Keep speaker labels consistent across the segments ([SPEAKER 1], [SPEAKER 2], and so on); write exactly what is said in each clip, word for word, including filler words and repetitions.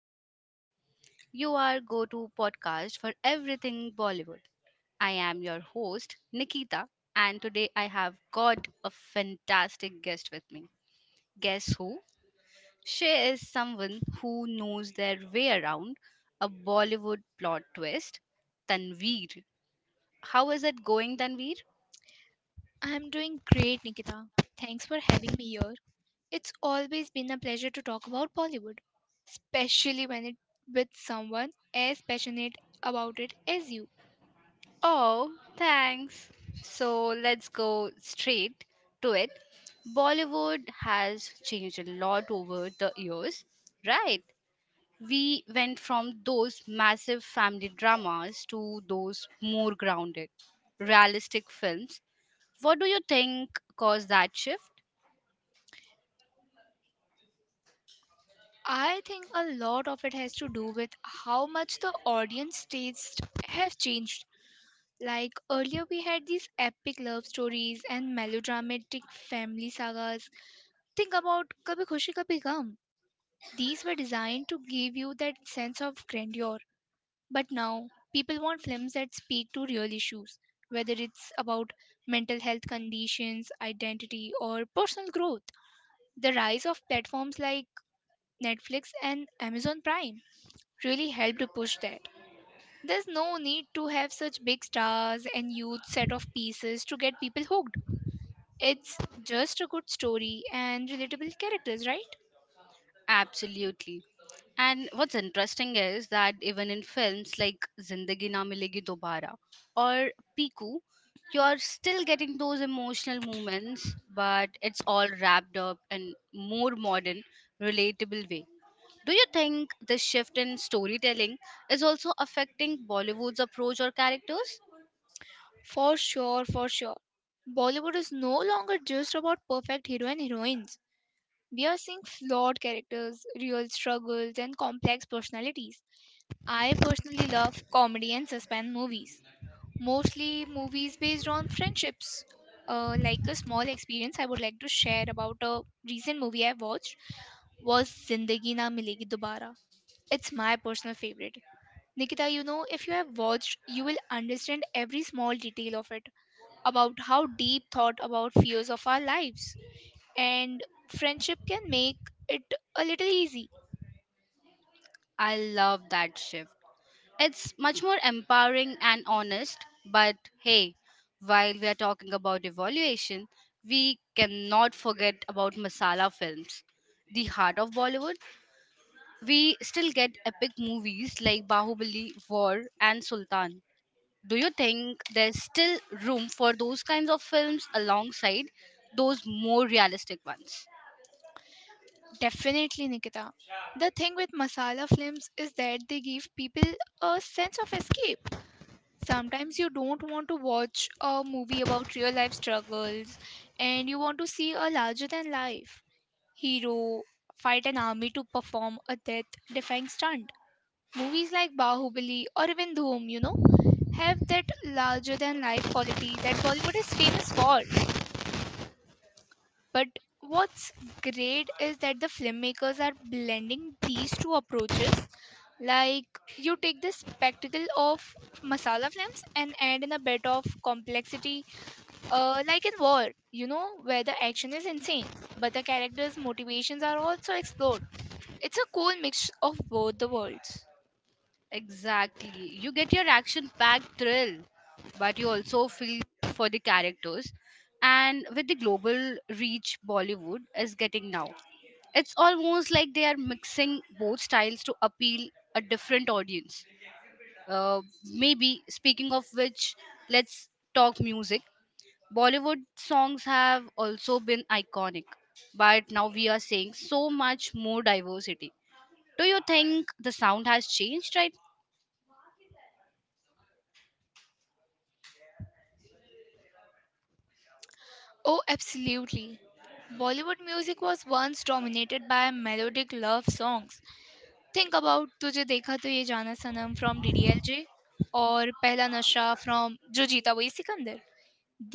[SPEAKER 1] Chronicles. You are go to podcast for everything Bollywood. I am your host Nikita and today I have got a fantastic guest with me. Guess who? She is someone who knows their way around a Bollywood plot twist. Tanveer. How is it going Tanveer?
[SPEAKER 2] I'm doing great, Nikita. Thanks for having me here. It's always been a pleasure to talk about Bollywood, especially when it with someone as passionate about it as you.
[SPEAKER 1] Oh, thanks. So let's go straight to it. Bollywood has changed a lot over the years, right? We went from those massive family dramas to those more grounded, realistic films. What do you think caused that shift?
[SPEAKER 2] I think a lot of it has to do with how much the audience tastes have changed. Like earlier we had these epic love stories and melodramatic family sagas. Think about Kabhi Khushi Kabhi Gum. These were designed to give you that sense of grandeur. But now, people want films that speak to real issues, whether it's about mental health conditions, identity, or personal growth. The rise of platforms like Netflix and Amazon Prime really helped to push that. There's no need to have such big stars and huge set of pieces to get people hooked. It's just a good story and relatable characters, right?
[SPEAKER 1] Absolutely. And what's interesting is that even in films like Zindagi Na Milegi Dobara or Piku, you're still getting those emotional moments, but it's all wrapped up in more modern, relatable way. Do you think this shift in storytelling is also affecting Bollywood's approach or characters?
[SPEAKER 2] For sure, for sure. Bollywood is no longer just about perfect hero and heroines. We are seeing flawed characters, real struggles, and complex personalities. I personally love comedy and suspense movies, mostly movies based on friendships. Uh, like a small experience I would like to share about a recent movie I watched was Zindagi Na Milegi Dobara. It's my personal favorite. Nikita, you know, if you have watched, you will understand every small detail of it about how deep thought about fears of our lives and friendship can make it a little easy.
[SPEAKER 1] I love that shift. It's much more empowering and honest, but hey, while we are talking about evaluation, we cannot forget about masala films. The heart of Bollywood, we still get epic movies like Bahubali, War, and Sultan. Do you think there's still room for those kinds of films alongside those more realistic ones?
[SPEAKER 2] Definitely, Nikita. The thing with masala films is that they give people a sense of escape. Sometimes you don't want to watch a movie about real life struggles and you want to see a larger than life hero fight an army to perform a death defying stunt. Movies like Bahubali or even Dhoom, you know, have that larger than life quality that Bollywood is famous for. But what's great is that the filmmakers are blending these two approaches. Like you take the spectacle of masala films and add in a bit of complexity, uh, like in war, you know, where the action is insane, but the characters' motivations are also explored. It's a cool mix of both the worlds.
[SPEAKER 1] Exactly. You get your action packed thrill, but you also feel for the characters. And with the global reach Bollywood is getting now, it's almost like they are mixing both styles to appeal a different audience. Uh, maybe, speaking of which, let's talk music. Bollywood songs have also been iconic, but now we are seeing so much more diversity. Do you think the sound has changed, right?
[SPEAKER 2] Oh, absolutely. Bollywood music was once dominated by melodic love songs. Think about तुझे देखा तो ये जाना सनम from D D L J और पहला नशा from जो जीता वही Sikandar.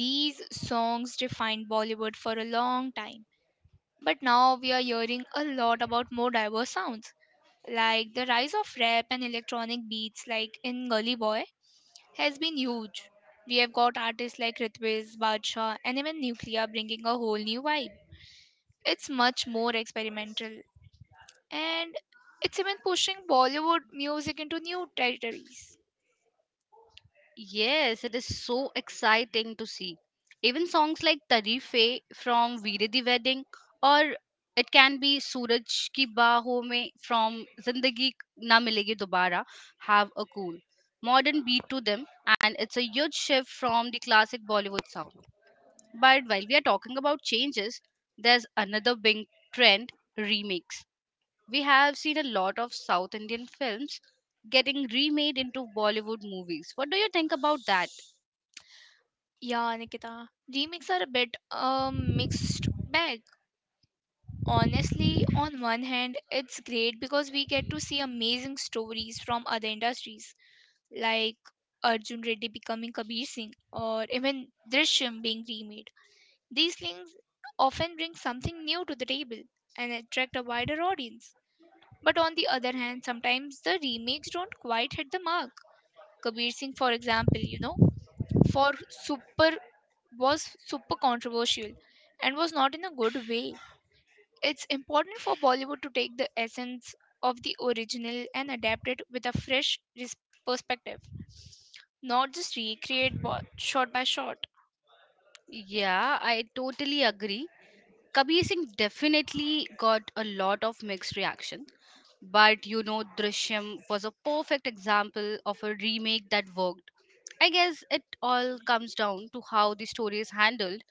[SPEAKER 2] These songs defined Bollywood for a long time, but now we are hearing a lot about more diverse sounds. Like the rise of rap and electronic beats, like in Gully Boy, has been huge. We have got artists like Ritviz, Badshah, and even Nuclear bringing a whole new vibe. It's much more experimental and it's even pushing Bollywood music into new territories.
[SPEAKER 1] Yes, it is so exciting to see. Even songs like Tarife from Veere Di Wedding or it can be Suraj Ki Baahon Mein from Zindagi Na Milegi Dobara have a cool modern beat to them and it's a huge shift from the classic Bollywood sound. But while we are talking about changes, there's another big trend, remakes. We have seen a lot of South Indian films getting remade into Bollywood movies. What do you think about that?
[SPEAKER 2] Yeah, Nikita, remakes are a bit a mixed bag. Honestly, on one hand, it's great because we get to see amazing stories from other industries, like Arjun Reddy becoming Kabir Singh or even Drishyam being remade. These things often bring something new to the table and attract a wider audience. But on the other hand, sometimes the remakes don't quite hit the mark. Kabir Singh, for example, you know, for super was super controversial and was not in a good way. It's important for Bollywood to take the essence of the original and adapt it with a fresh res- perspective, not just recreate bo- shot by shot.
[SPEAKER 1] Yeah, I totally agree. Kabir Singh definitely got a lot of mixed reaction. But you know, Drishyam was a perfect example of a remake that worked. I guess it all comes down to how the story is handled.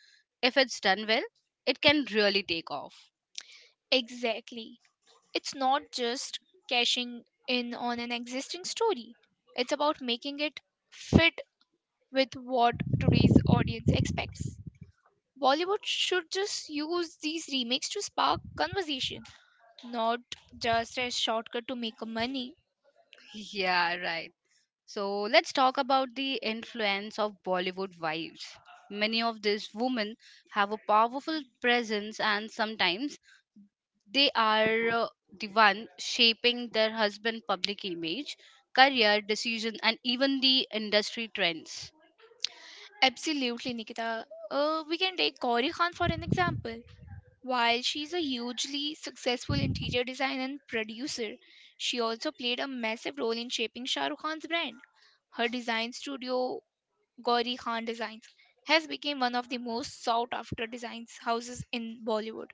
[SPEAKER 1] If it's done well, it can really take off.
[SPEAKER 2] Exactly. It's not just cashing in on an existing story, it's about making it fit with what today's audience expects. Bollywood should just use these remakes to spark conversation, not just a shortcut to make money.
[SPEAKER 1] Yeah, right. So let's talk about the influence of Bollywood wives. Many of these women have a powerful presence, and sometimes they are uh, the one shaping their husband' public image, career decision, and even the industry trends.
[SPEAKER 2] Absolutely, Nikita. Uh, we can take Gauri Khan for an example. While she's a hugely successful interior designer and producer, she also played a massive role in shaping Shah Rukh Khan's brand. Her design studio Gauri Khan Designs, has become one of the most sought after designs houses in Bollywood.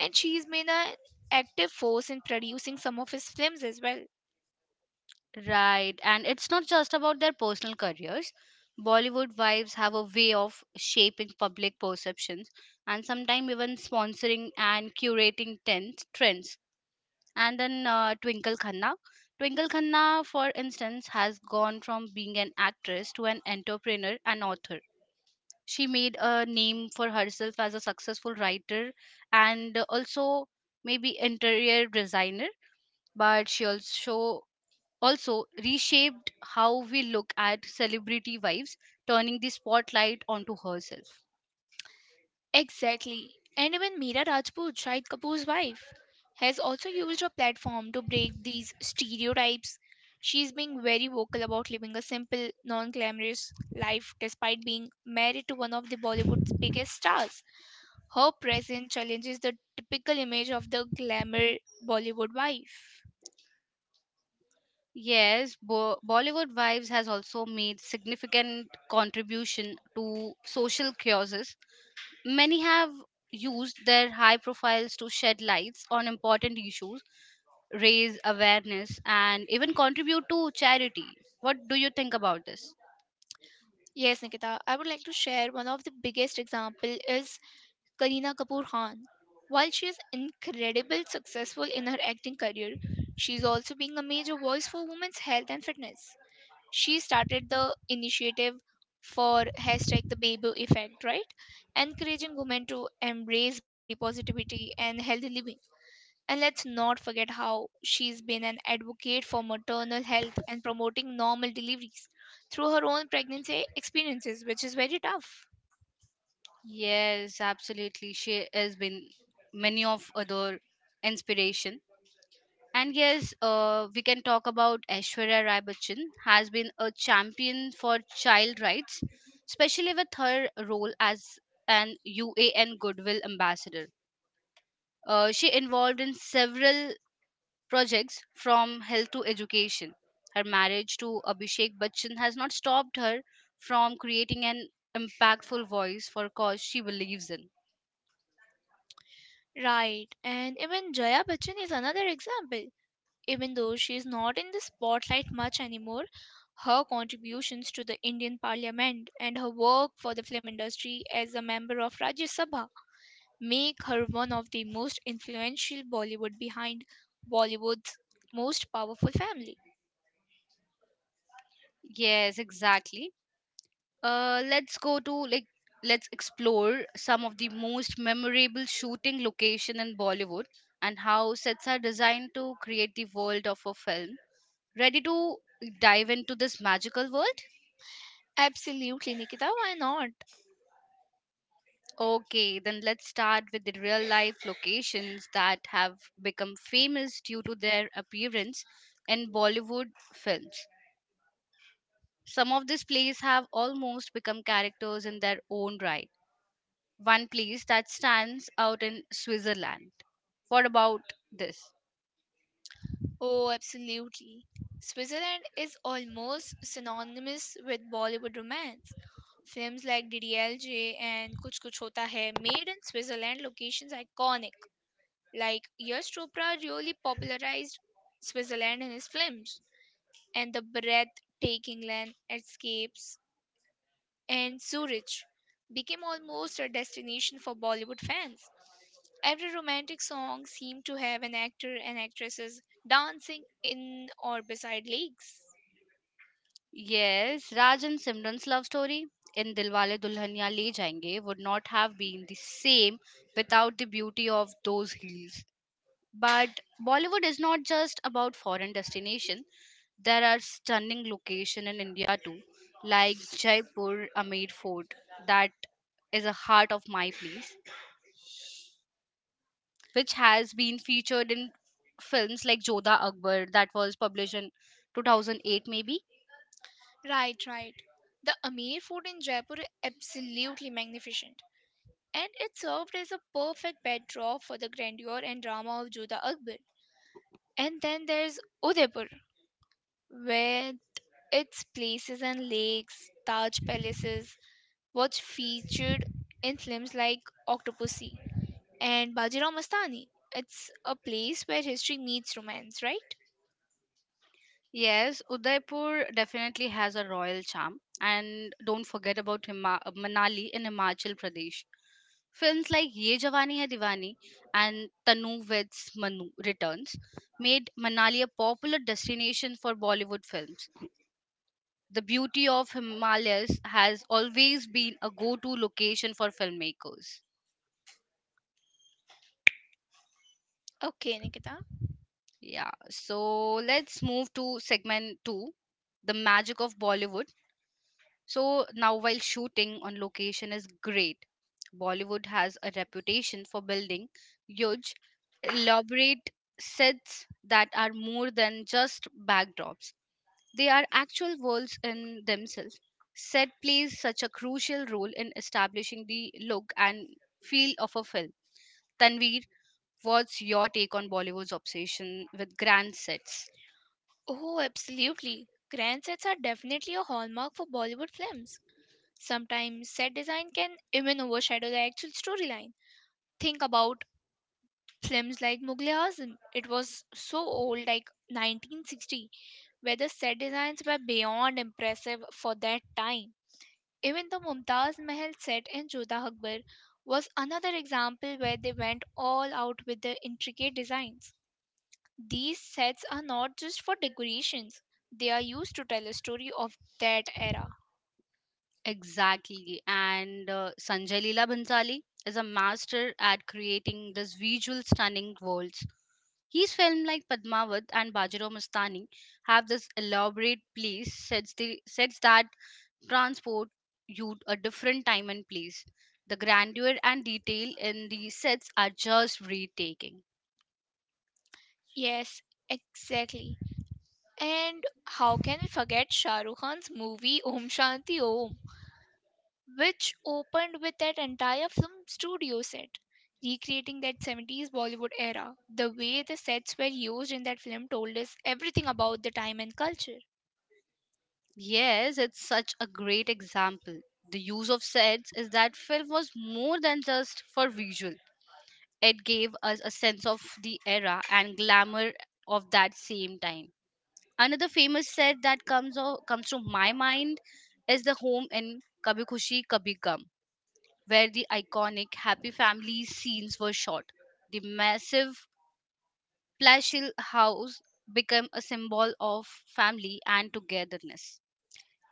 [SPEAKER 2] And she has been an active force in producing some of his films as well.
[SPEAKER 1] Right, and it's not just about their personal careers. Bollywood wives have a way of shaping public perceptions and sometimes even sponsoring and curating ten- trends and then uh, Twinkle Khanna. Twinkle Khanna, for instance, has gone from being an actress to an entrepreneur and author. She made a name for herself as a successful writer and also maybe interior designer, but she also also reshaped how we look at celebrity wives, turning the spotlight onto herself.
[SPEAKER 2] Exactly. And even Meera Rajput, Shahid Kapoor's wife, has also used her platform to break these stereotypes. She's being very vocal about living a simple, non glamorous life despite being married to one of the Bollywood's biggest stars. Her presence challenges the typical image of the glamour Bollywood wife.
[SPEAKER 1] Yes, Bo- Bollywood Vibes has also made significant contribution to social causes. Many have used their high profiles to shed lights on important issues, raise awareness, and even contribute to charity. What do you think about this?
[SPEAKER 2] Yes, Nikita, I would like to share one of the biggest example is Kareena Kapoor Khan. While she is incredibly successful in her acting career, she is also being a major voice for women's health and fitness. She started the initiative for hashtag the baby effect, right? Encouraging women to embrace body positivity and healthy living. And let's not forget how she's been an advocate for maternal health and promoting normal deliveries through her own pregnancy experiences, which is very tough.
[SPEAKER 1] Yes, absolutely. She has been many of other inspiration. And yes, uh, we can talk about Aishwarya Rai Bachchan has been a champion for child rights, especially with her role as an U A N Goodwill Ambassador. Uh, she involved in several projects from health to education. Her marriage to Abhishek Bachchan has not stopped her from creating an impactful voice for cause she believes in.
[SPEAKER 2] Right, and even Jaya Bachchan is another example. Even though she is not in the spotlight much anymore, her contributions to the Indian Parliament and her work for the film industry as a member of Rajya Sabha make her one of the most influential Bollywood behind Bollywood's most powerful family.
[SPEAKER 1] Yes, exactly. Uh, let's go to like Let's explore some of the most memorable shooting location in Bollywood and how sets are designed to create the world of a film. Ready to dive into this magical world?
[SPEAKER 2] Absolutely, Nikita, why not?
[SPEAKER 1] Okay, then let's start with the real life locations that have become famous due to their appearance in Bollywood films. Some of these plays have almost become characters in their own right. One place that stands out in Switzerland. What about this?
[SPEAKER 2] Oh, absolutely. Switzerland is almost synonymous with Bollywood romance. Films like D D L J and Kuch Kuch Hota Hai made in Switzerland locations iconic. Like Yash Chopra really popularized Switzerland in his films and the breathtaking land escapes and Zurich became almost a destination for Bollywood fans. Every romantic song seemed to have an actor and actresses dancing in or beside lakes.
[SPEAKER 1] Yes, Raj and Simran's love story in Dilwale Dulhania Le Jayenge would not have been the same without the beauty of those hills. But Bollywood is not just about foreign destination. There are stunning locations in India too, like Jaipur Amer Fort. That is a heart of my place, which has been featured in films like Jodha Akbar that was published in two thousand eight maybe.
[SPEAKER 2] Right, right. The Amir Fort in Jaipur is absolutely magnificent, and it served as a perfect backdrop for the grandeur and drama of Jodha Akbar. And then there's Udaipur, where its places and lakes, Taj palaces, was featured in films like Octopussy and Bajirao Mastani. It's a place where history meets romance, right?
[SPEAKER 1] Yes, Udaipur definitely has a royal charm, and don't forget about Hima- uh, Manali in Himachal Pradesh. Films like Ye Jawani Hai Diwani and Tanu Veds Manu Returns made Manali a popular destination for Bollywood films. The beauty of Himalayas has always been a go-to location for filmmakers.
[SPEAKER 2] Okay, Nikita.
[SPEAKER 1] Yeah, so let's move to segment two, the magic of Bollywood. So now, while shooting on location is great, Bollywood has a reputation for building huge, elaborate sets that are more than just backdrops. They are actual worlds in themselves. Set plays such a crucial role in establishing the look and feel of a film. Tanveer, what's your take on Bollywood's obsession with grand sets?
[SPEAKER 2] Oh, absolutely. Grand sets are definitely a hallmark for Bollywood films. Sometimes set design can even overshadow the actual storyline. Think about films like Mughal Azam. It was so old, like nineteen sixty, where the set designs were beyond impressive for that time. Even the Mumtaz Mahal set in Jodha Akbar was another example where they went all out with the intricate designs. These sets are not just for decorations, they are used to tell a story of that era.
[SPEAKER 1] Exactly. And uh, Sanjay Leela Bhansali is a master at creating this visual stunning worlds. His film like Padmavat and Bajirao Mastani have this elaborate place sets, the, sets that transport you a different time and place. The grandeur and detail in the sets are just breathtaking.
[SPEAKER 2] Yes, exactly. And how can we forget Shah Rukh Khan's movie Om Shanti Om, which opened with that entire film studio set, recreating that seventies Bollywood era? The way the sets were used in that film told us everything about the time and culture.
[SPEAKER 1] Yes, it's such a great example. The use of sets is that film was more than just for visual. It gave us a sense of the era and glamour of that same time. Another famous set that comes o- comes to my mind is the home in Kabhi Khushi Kabhi Gum, where the iconic Happy Family scenes were shot. The massive palatial house became a symbol of family and togetherness.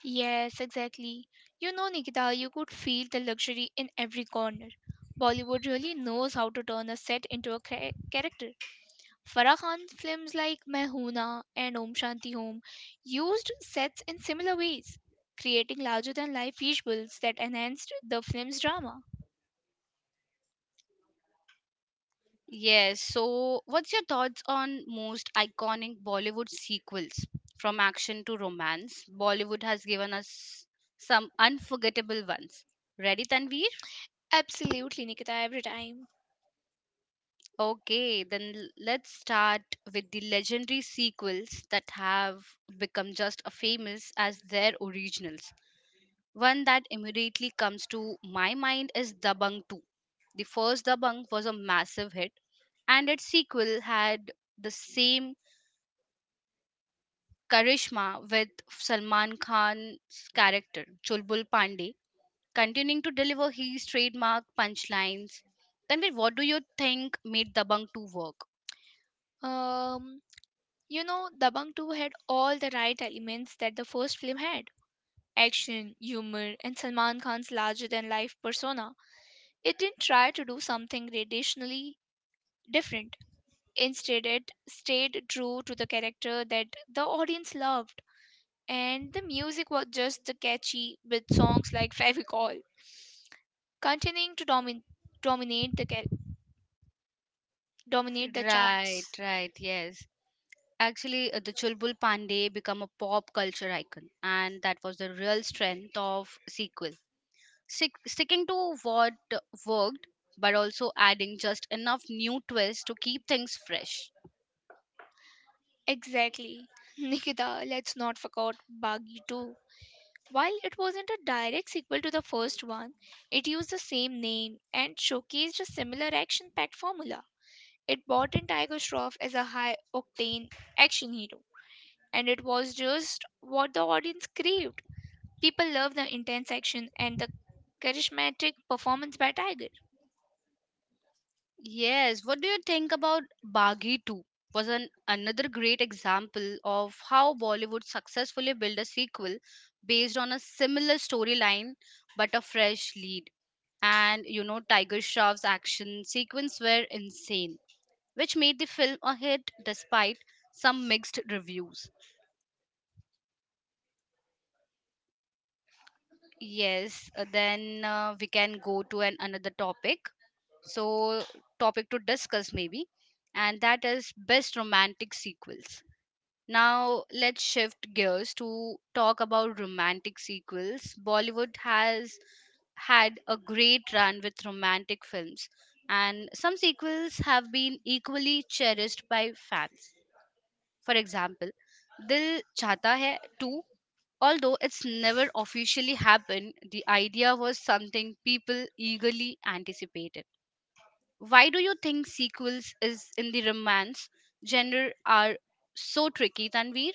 [SPEAKER 2] Yes, exactly. You know, Nikita, you could feel the luxury in every corner. Bollywood really knows how to turn a set into a cha- character. Farah Khan's films like Mehuna and Om Shanti Om used sets in similar ways, creating larger than life visuals that enhanced the film's drama.
[SPEAKER 1] Yes. So, what's your thoughts on most iconic Bollywood sequels from action to romance? Bollywood has given us some unforgettable ones. Ready, Tanveer?
[SPEAKER 2] Absolutely, Nikita, every time.
[SPEAKER 1] Okay, then l- let's start with the legendary sequels that have become just as famous as their originals. One that immediately comes to my mind is Dabang two. The first Dabang was a massive hit, and its sequel had the same Karishma with Salman Khan's character Chulbul Pandey continuing to deliver his trademark punchlines. Tanvir, what do you think made Dabang two work?
[SPEAKER 2] Um, you know, Dabang two had all the right elements that the first film had action, humor, and Salman Khan's larger than life persona. It didn't try to do something raditionally different. Instead, it stayed true to the character that the audience loved, and the music was just the catchy with songs like Fevicol, continuing to domin- dominate the ca- dominate the
[SPEAKER 1] Right,
[SPEAKER 2] charts.
[SPEAKER 1] right, yes. Actually, uh, the Chulbul Pandey become a pop culture icon, and that was the real strength of sequel. Stick, sticking to what worked, but also adding just enough new twists to keep things fresh.
[SPEAKER 2] Exactly. Nikita, let's not forget Bagi two. While it wasn't a direct sequel to the first one, it used the same name and showcased a similar action packed formula. It brought in Tiger Shroff as a high octane action hero, and it was just what the audience craved. People loved the intense action and the charismatic performance by Tiger.
[SPEAKER 1] Yes, what do you think about Baghi two? Was an another great example of how Bollywood successfully built a sequel based on a similar storyline but a fresh lead. And you know, Tiger Shroff's action sequence were insane, which made the film a hit despite some mixed reviews. Yes, uh, then uh, We can go to an another topic, so topic to discuss maybe, and that is best romantic sequels. Now, let's shift gears to talk about romantic sequels. Bollywood has had a great run with romantic films, and some sequels have been equally cherished by fans. For example, Dil Chahta Hai two. Although it's never officially happened, the idea was something people eagerly anticipated. Why do you think sequels is in the romance genre are so tricky, Tanveer?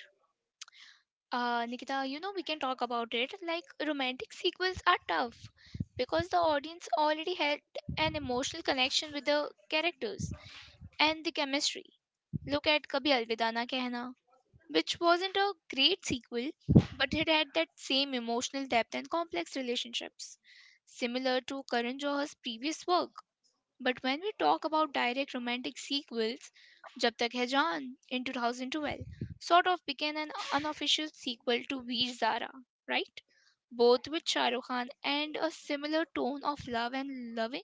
[SPEAKER 2] Uh, Nikita, you know, we can talk about it. Like, romantic sequels are tough because the audience already had an emotional connection with the characters and the chemistry. Look at Kabhi Alvida Na Kehna, which wasn't a great sequel, but it had that same emotional depth and complex relationships, similar to Karan Johar's previous work. But when we talk about direct romantic sequels, Jab Tak Hai Jaan in two thousand twelve sort of became an unofficial sequel to Veer Zara, right? Both with Shah Rukh Khan and a similar tone of love and loving.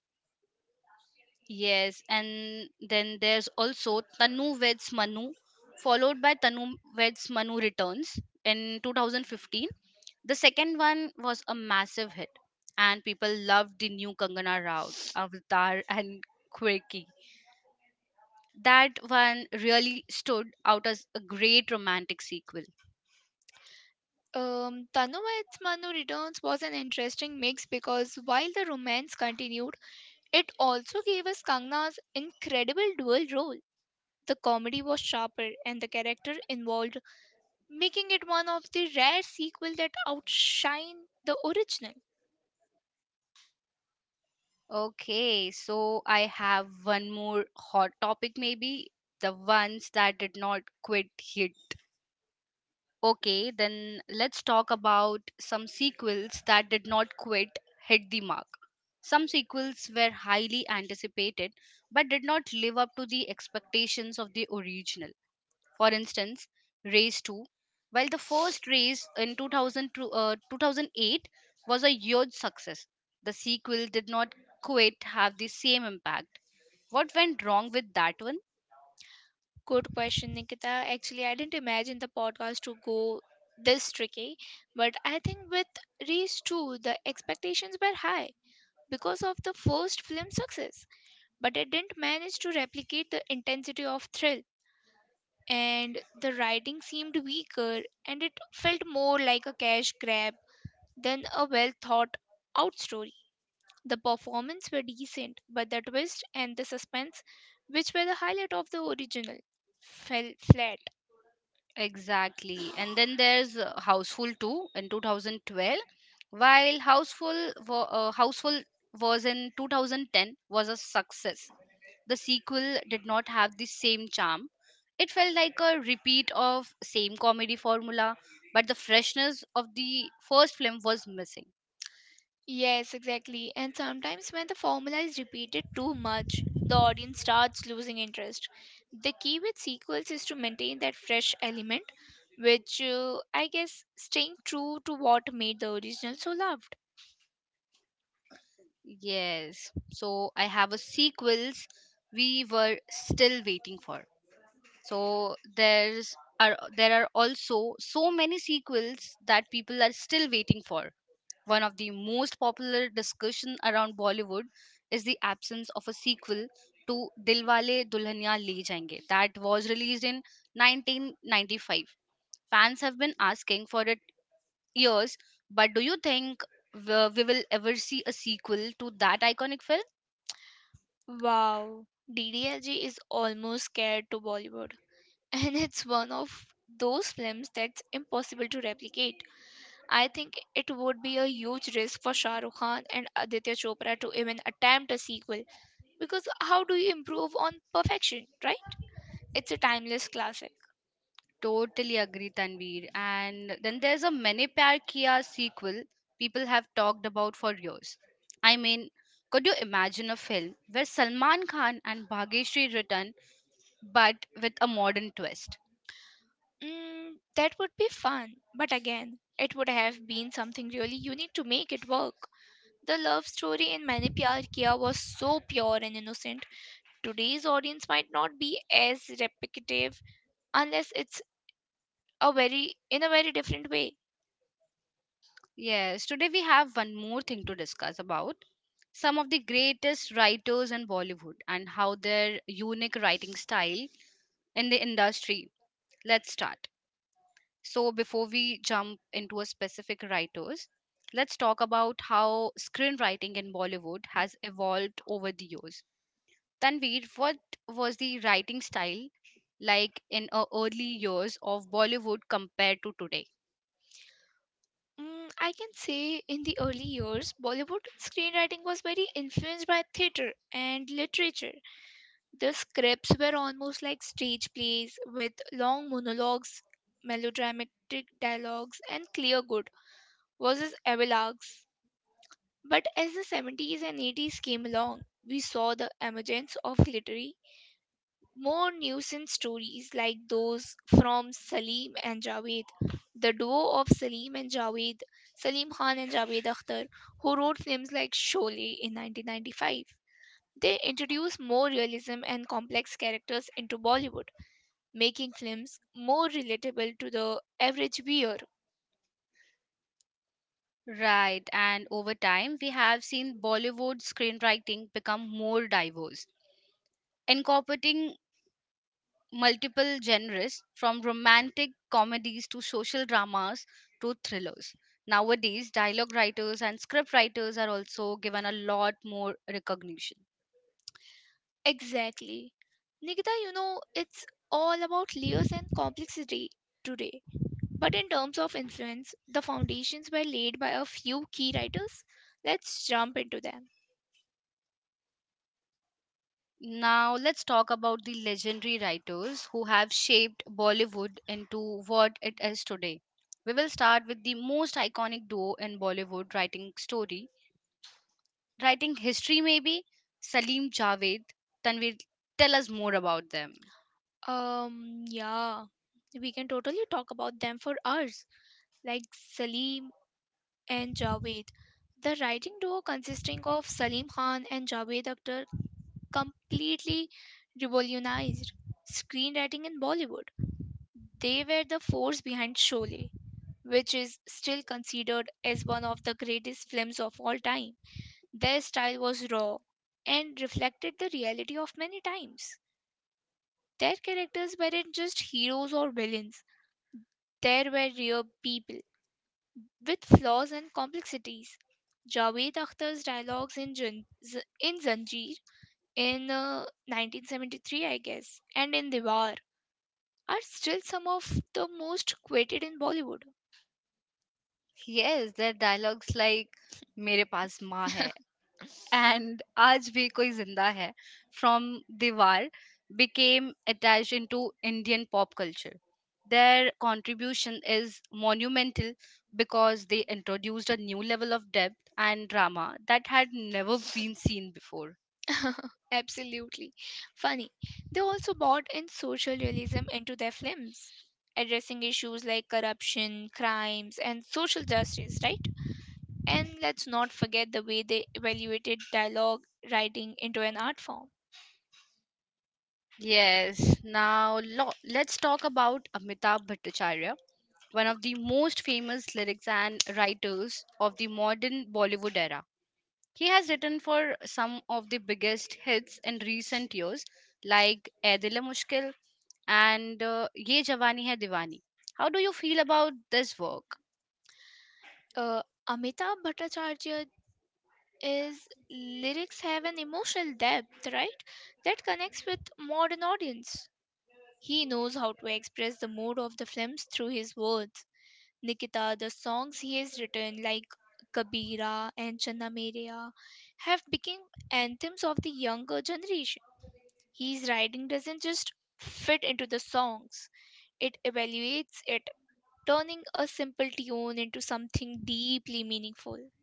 [SPEAKER 1] Yes, and then there's also Tanu Veds Manu, followed by Tanu Veds Manu Returns in twenty fifteen. The second one was a massive hit, and people loved the new Kangana Rao, Avatar, and Quirky. That one really stood out as a great romantic sequel.
[SPEAKER 2] Um, Tanu Its Manu Returns was an interesting mix because while the romance continued, it also gave us Kangna's incredible dual role. The comedy was sharper and the character involved, making it one of the rare sequels that outshine the original.
[SPEAKER 1] Okay, so I have one more hot topic, maybe the ones that did not quit hit. Okay, then let's talk about some sequels that did not quite hit the mark. Some sequels were highly anticipated but did not live up to the expectations of the original. For instance, Race two. While the first race in two thousand to, uh, two thousand eight was a huge success, the sequel did not quite have the same impact. What went wrong with that one?
[SPEAKER 2] Good question, Nikita. Actually, I didn't imagine the podcast to go this tricky, but I think with Race two, the expectations were high because of the first film success, but it didn't manage to replicate the intensity of thrill and the writing seemed weaker and it felt more like a cash grab than a well thought out story. The performance were decent, but the twist and the suspense, which were the highlight of the original, fell flat.
[SPEAKER 1] Exactly. And then there's uh, Houseful two in two thousand twelve, while Houseful wa- uh, Houseful was in two thousand ten was a success. The sequel did not have the same charm. It felt like a repeat of same comedy formula, but the freshness of the first film was missing.
[SPEAKER 2] Yes, exactly. And sometimes when the formula is repeated too much, the audience starts losing interest. The key with sequels is to maintain that fresh element, which uh, I guess staying true to what made the original so loved.
[SPEAKER 1] Yes. So I have a sequels we were still waiting for. So there's are there are also so many sequels that people are still waiting for. One of the most popular discussion around Bollywood is the absence of a sequel to Dilwale Dulhania Le Jayenge that was released in nineteen ninety-five. Fans have been asking for it years, but do you think we we will ever see a sequel to that iconic
[SPEAKER 2] Wow, D D L G is almost scared to Bollywood, and it's one of those films that's impossible to
[SPEAKER 1] film?
[SPEAKER 2] replicate. I think it would be a huge risk for Shah Rukh Khan and Aditya Chopra to even attempt a sequel because how do you improve on perfection, right? It's a timeless classic.
[SPEAKER 1] Totally agree, Tanvir. And then there's a Mene Pyar Kiya sequel people have talked about for years. I mean, could you imagine a film where Salman Khan and Bhageshri return, but with a modern twist?
[SPEAKER 2] Mm, that would be fun, but again, it would have been something really unique to make it work. The love story in Maine Pyar Kiya was so pure and innocent. Today's audience might not be as repetitive unless it's a very in a very different way.
[SPEAKER 1] Yes, today we have one more thing to discuss about some of the greatest writers in Bollywood and how their unique writing style in the industry. Let's start. So, before we jump into a specific writers, let's talk about how screenwriting in Bollywood has evolved over the years. Tanveer, what was the writing style like in uh, early years of Bollywood compared to today?
[SPEAKER 2] Mm, I can say in the early years, Bollywood screenwriting was very influenced by theatre and literature. The scripts were almost like stage plays with long monologues, melodramatic dialogues, and clear good versus epilogues. But as the seventies and eighties came along, we saw the emergence of literary more nuisance stories like those from Salim and Javed. The duo of Salim and Javed, Salim Khan and Javed Akhtar, who wrote films like Sholay in nineteen ninety-five. They introduced more realism and complex characters into Bollywood, making films more relatable to the average viewer.
[SPEAKER 1] Right, and over time, we have seen Bollywood screenwriting become more diverse, incorporating multiple genres from romantic comedies to social dramas to thrillers. Nowadays, dialogue writers and script writers are also given a lot more recognition.
[SPEAKER 2] Exactly. Nikita, you know, it's all about layers and complexity today. But in terms of influence, the foundations were laid by a few key writers. Let's jump into them.
[SPEAKER 1] Now, let's talk about the legendary writers who have shaped Bollywood into what it is today. We will start with the most iconic duo in Bollywood writing story, writing history maybe, Salim Javed. Tanvir, tell us more about them.
[SPEAKER 2] Um, yeah, we can totally talk about them for hours, like Salim and Javed. The writing duo consisting of Salim Khan and Javed Akhtar completely revolutionized screenwriting in Bollywood. They were the force behind Sholay, which is still considered as one of the greatest films of all time. Their style was raw and reflected the reality of many times. Their characters weren't just heroes or villains, there were real people with flaws and complexities. Javed Akhtar's dialogues in, Jan- Z- in Zanjeer in uh, nineteen seventy-three, I guess, and in Diwar are still some of the most quoted in Bollywood.
[SPEAKER 1] Yes, their dialogues like मेरे पास माँ है and आज भी कोई जिंदा है from Diwar became attached into Indian pop culture. Their contribution is monumental because they introduced a new level of depth and drama that had never been seen before.
[SPEAKER 2] Absolutely. Funny. They also brought in social realism into their films, addressing issues like corruption, crimes, and social justice, right? And let's not forget the way they evaluated dialogue writing into an art form.
[SPEAKER 1] Yes, now lo- let's talk about Amitabh Bhattacharya, one of the most famous lyrics and writers of the modern Bollywood era. He has written for some of the biggest hits in recent years, like "Ae Dil E Mushkil" and uh, "Ye Jawani Hai Diwani." How do you feel about this work?
[SPEAKER 2] Uh, Amitabh Bhattacharya is lyrics have an emotional depth, right? That connects with modern audience. He knows how to express the mood of the films through his words. Nikita, the songs he has written, like Kabira and Channa Merea, have become anthems of the younger generation. His writing doesn't just fit into the songs, it evaluates it, turning a simple tune into something deeply meaningful.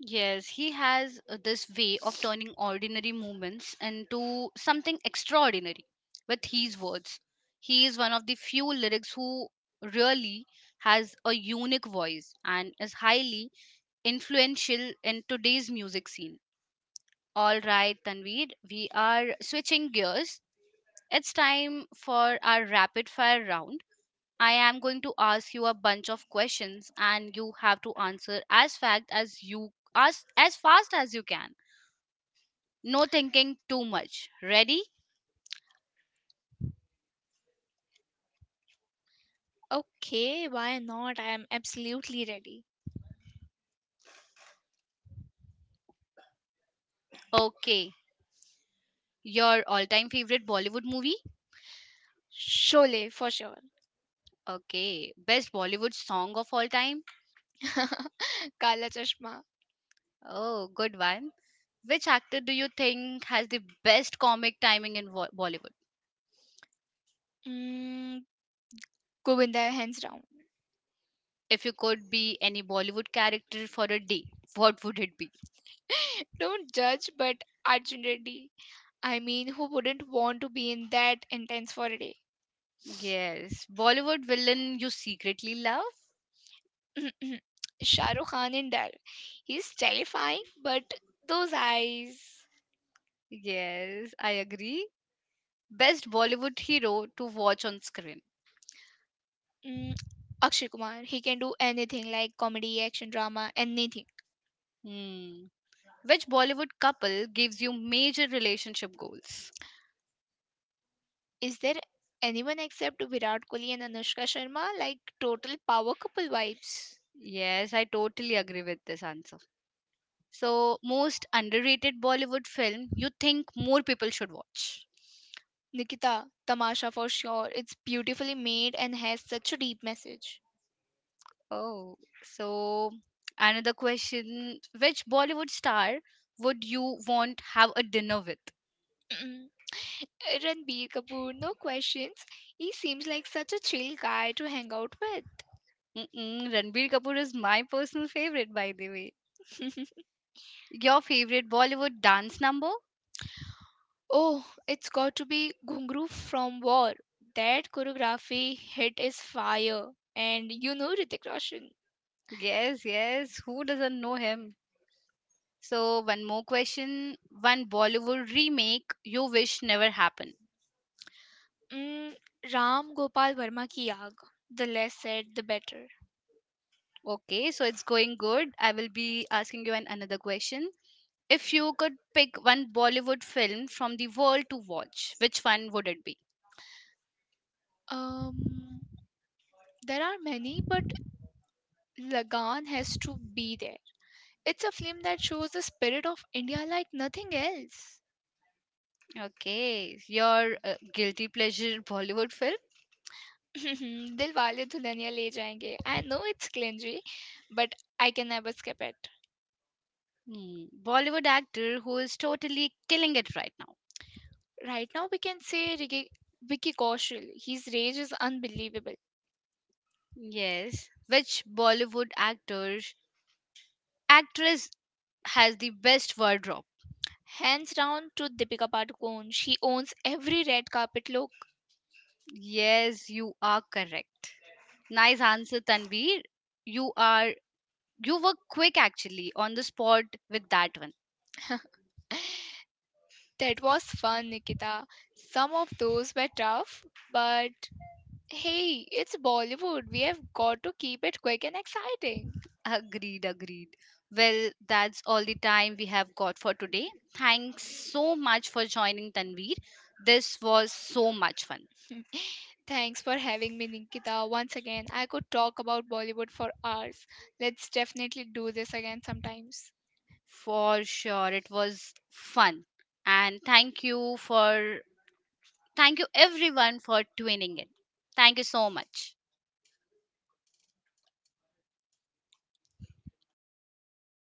[SPEAKER 1] Yes, he has uh, this way of turning ordinary moments into something extraordinary with his words. He is one of the few lyrics who really has a unique voice and is highly influential in today's music scene. All right, Tanveer, we are switching gears. It's time for our rapid fire round. I am going to ask you a bunch of questions and you have to answer as fact as you as as fast as you can, no thinking too much. Ready?
[SPEAKER 2] Okay, why not? I am absolutely ready.
[SPEAKER 1] Okay. Your all time favorite Bollywood movie?
[SPEAKER 2] Sholay, for sure.
[SPEAKER 1] Okay. Best Bollywood song of all time?
[SPEAKER 2] Kala Chashma.
[SPEAKER 1] Oh, good one. Which actor do you think has the best comic timing in Wo- Bollywood?
[SPEAKER 2] Mm, Govinda, hands down.
[SPEAKER 1] If you could be any Bollywood character for a day, what would it be?
[SPEAKER 2] Don't judge, but Arjun Reddy. I mean, who wouldn't want to be in that intense for a day?
[SPEAKER 1] Yes. Bollywood villain you secretly love?
[SPEAKER 2] Shah Rukh Khan in Dal. He's terrifying, but those eyes.
[SPEAKER 1] Yes, I agree. Best Bollywood hero to watch on screen?
[SPEAKER 2] Mm, Akshay Kumar, he can do anything like comedy, action, drama, anything.
[SPEAKER 1] Hmm. Which Bollywood couple gives you major relationship goals?
[SPEAKER 2] Is there anyone except Virat Kohli and Anushka Sharma? Like total power couple vibes.
[SPEAKER 1] Yes, I totally agree with this answer. So, most underrated Bollywood film you think more people should watch?
[SPEAKER 2] Nikita, Tamasha for sure. It's beautifully made and has such a deep message.
[SPEAKER 1] Oh, so another question, which Bollywood star would you want have a dinner with?
[SPEAKER 2] Ranbir Kapoor, no questions. He seems like such a chill guy to hang out with.
[SPEAKER 1] Mm-mm, Ranbir Kapoor is my personal favorite by the way. Your favorite Bollywood dance number?
[SPEAKER 2] Oh, it's got to be Ghungru from War. That choreography hit is fire. And you know Ritik Roshan.
[SPEAKER 1] Yes, yes, who doesn't know him? So, one more question. One Bollywood remake you wish never happened.
[SPEAKER 2] Mm, Ram Gopal Verma ki Aag. The less said, the better.
[SPEAKER 1] Okay, so it's going good. I will be asking you an another question. If you could pick one Bollywood film from the world to watch, which one would it be?
[SPEAKER 2] Um, there are many, but Lagan has to be there. It's a film that shows the spirit of India like nothing else.
[SPEAKER 1] Okay, your uh, guilty pleasure Bollywood film?
[SPEAKER 2] दिल वाले Dulhania Le Jayenge I know it's cringy but I can never skip it
[SPEAKER 1] Hmm. Bollywood actor who is totally killing it right now.
[SPEAKER 2] right now we can say Ricky, Vicky Kaushal. His rage is unbelievable.
[SPEAKER 1] Yes. Which Bollywood actor, actress has the best wardrobe?
[SPEAKER 2] Hands down to Deepika Padukone. She owns every red carpet look.
[SPEAKER 1] Yes, you are correct. Nice answer, Tanveer. You are you were quick actually on the spot with that one.
[SPEAKER 2] That was fun, Nikita. Some of those were tough, but hey, it's Bollywood. We have got to keep it quick and exciting.
[SPEAKER 1] Agreed, agreed. Well, that's all the time we have got for today. Thanks so much for joining, Tanveer. This was so much fun.
[SPEAKER 2] Thanks for having me, Nikita. Once again, I could talk about Bollywood for hours. Let's definitely do this again sometimes.
[SPEAKER 1] For sure, it was fun. And thank you for thank you everyone for tuning in. Thank you so much.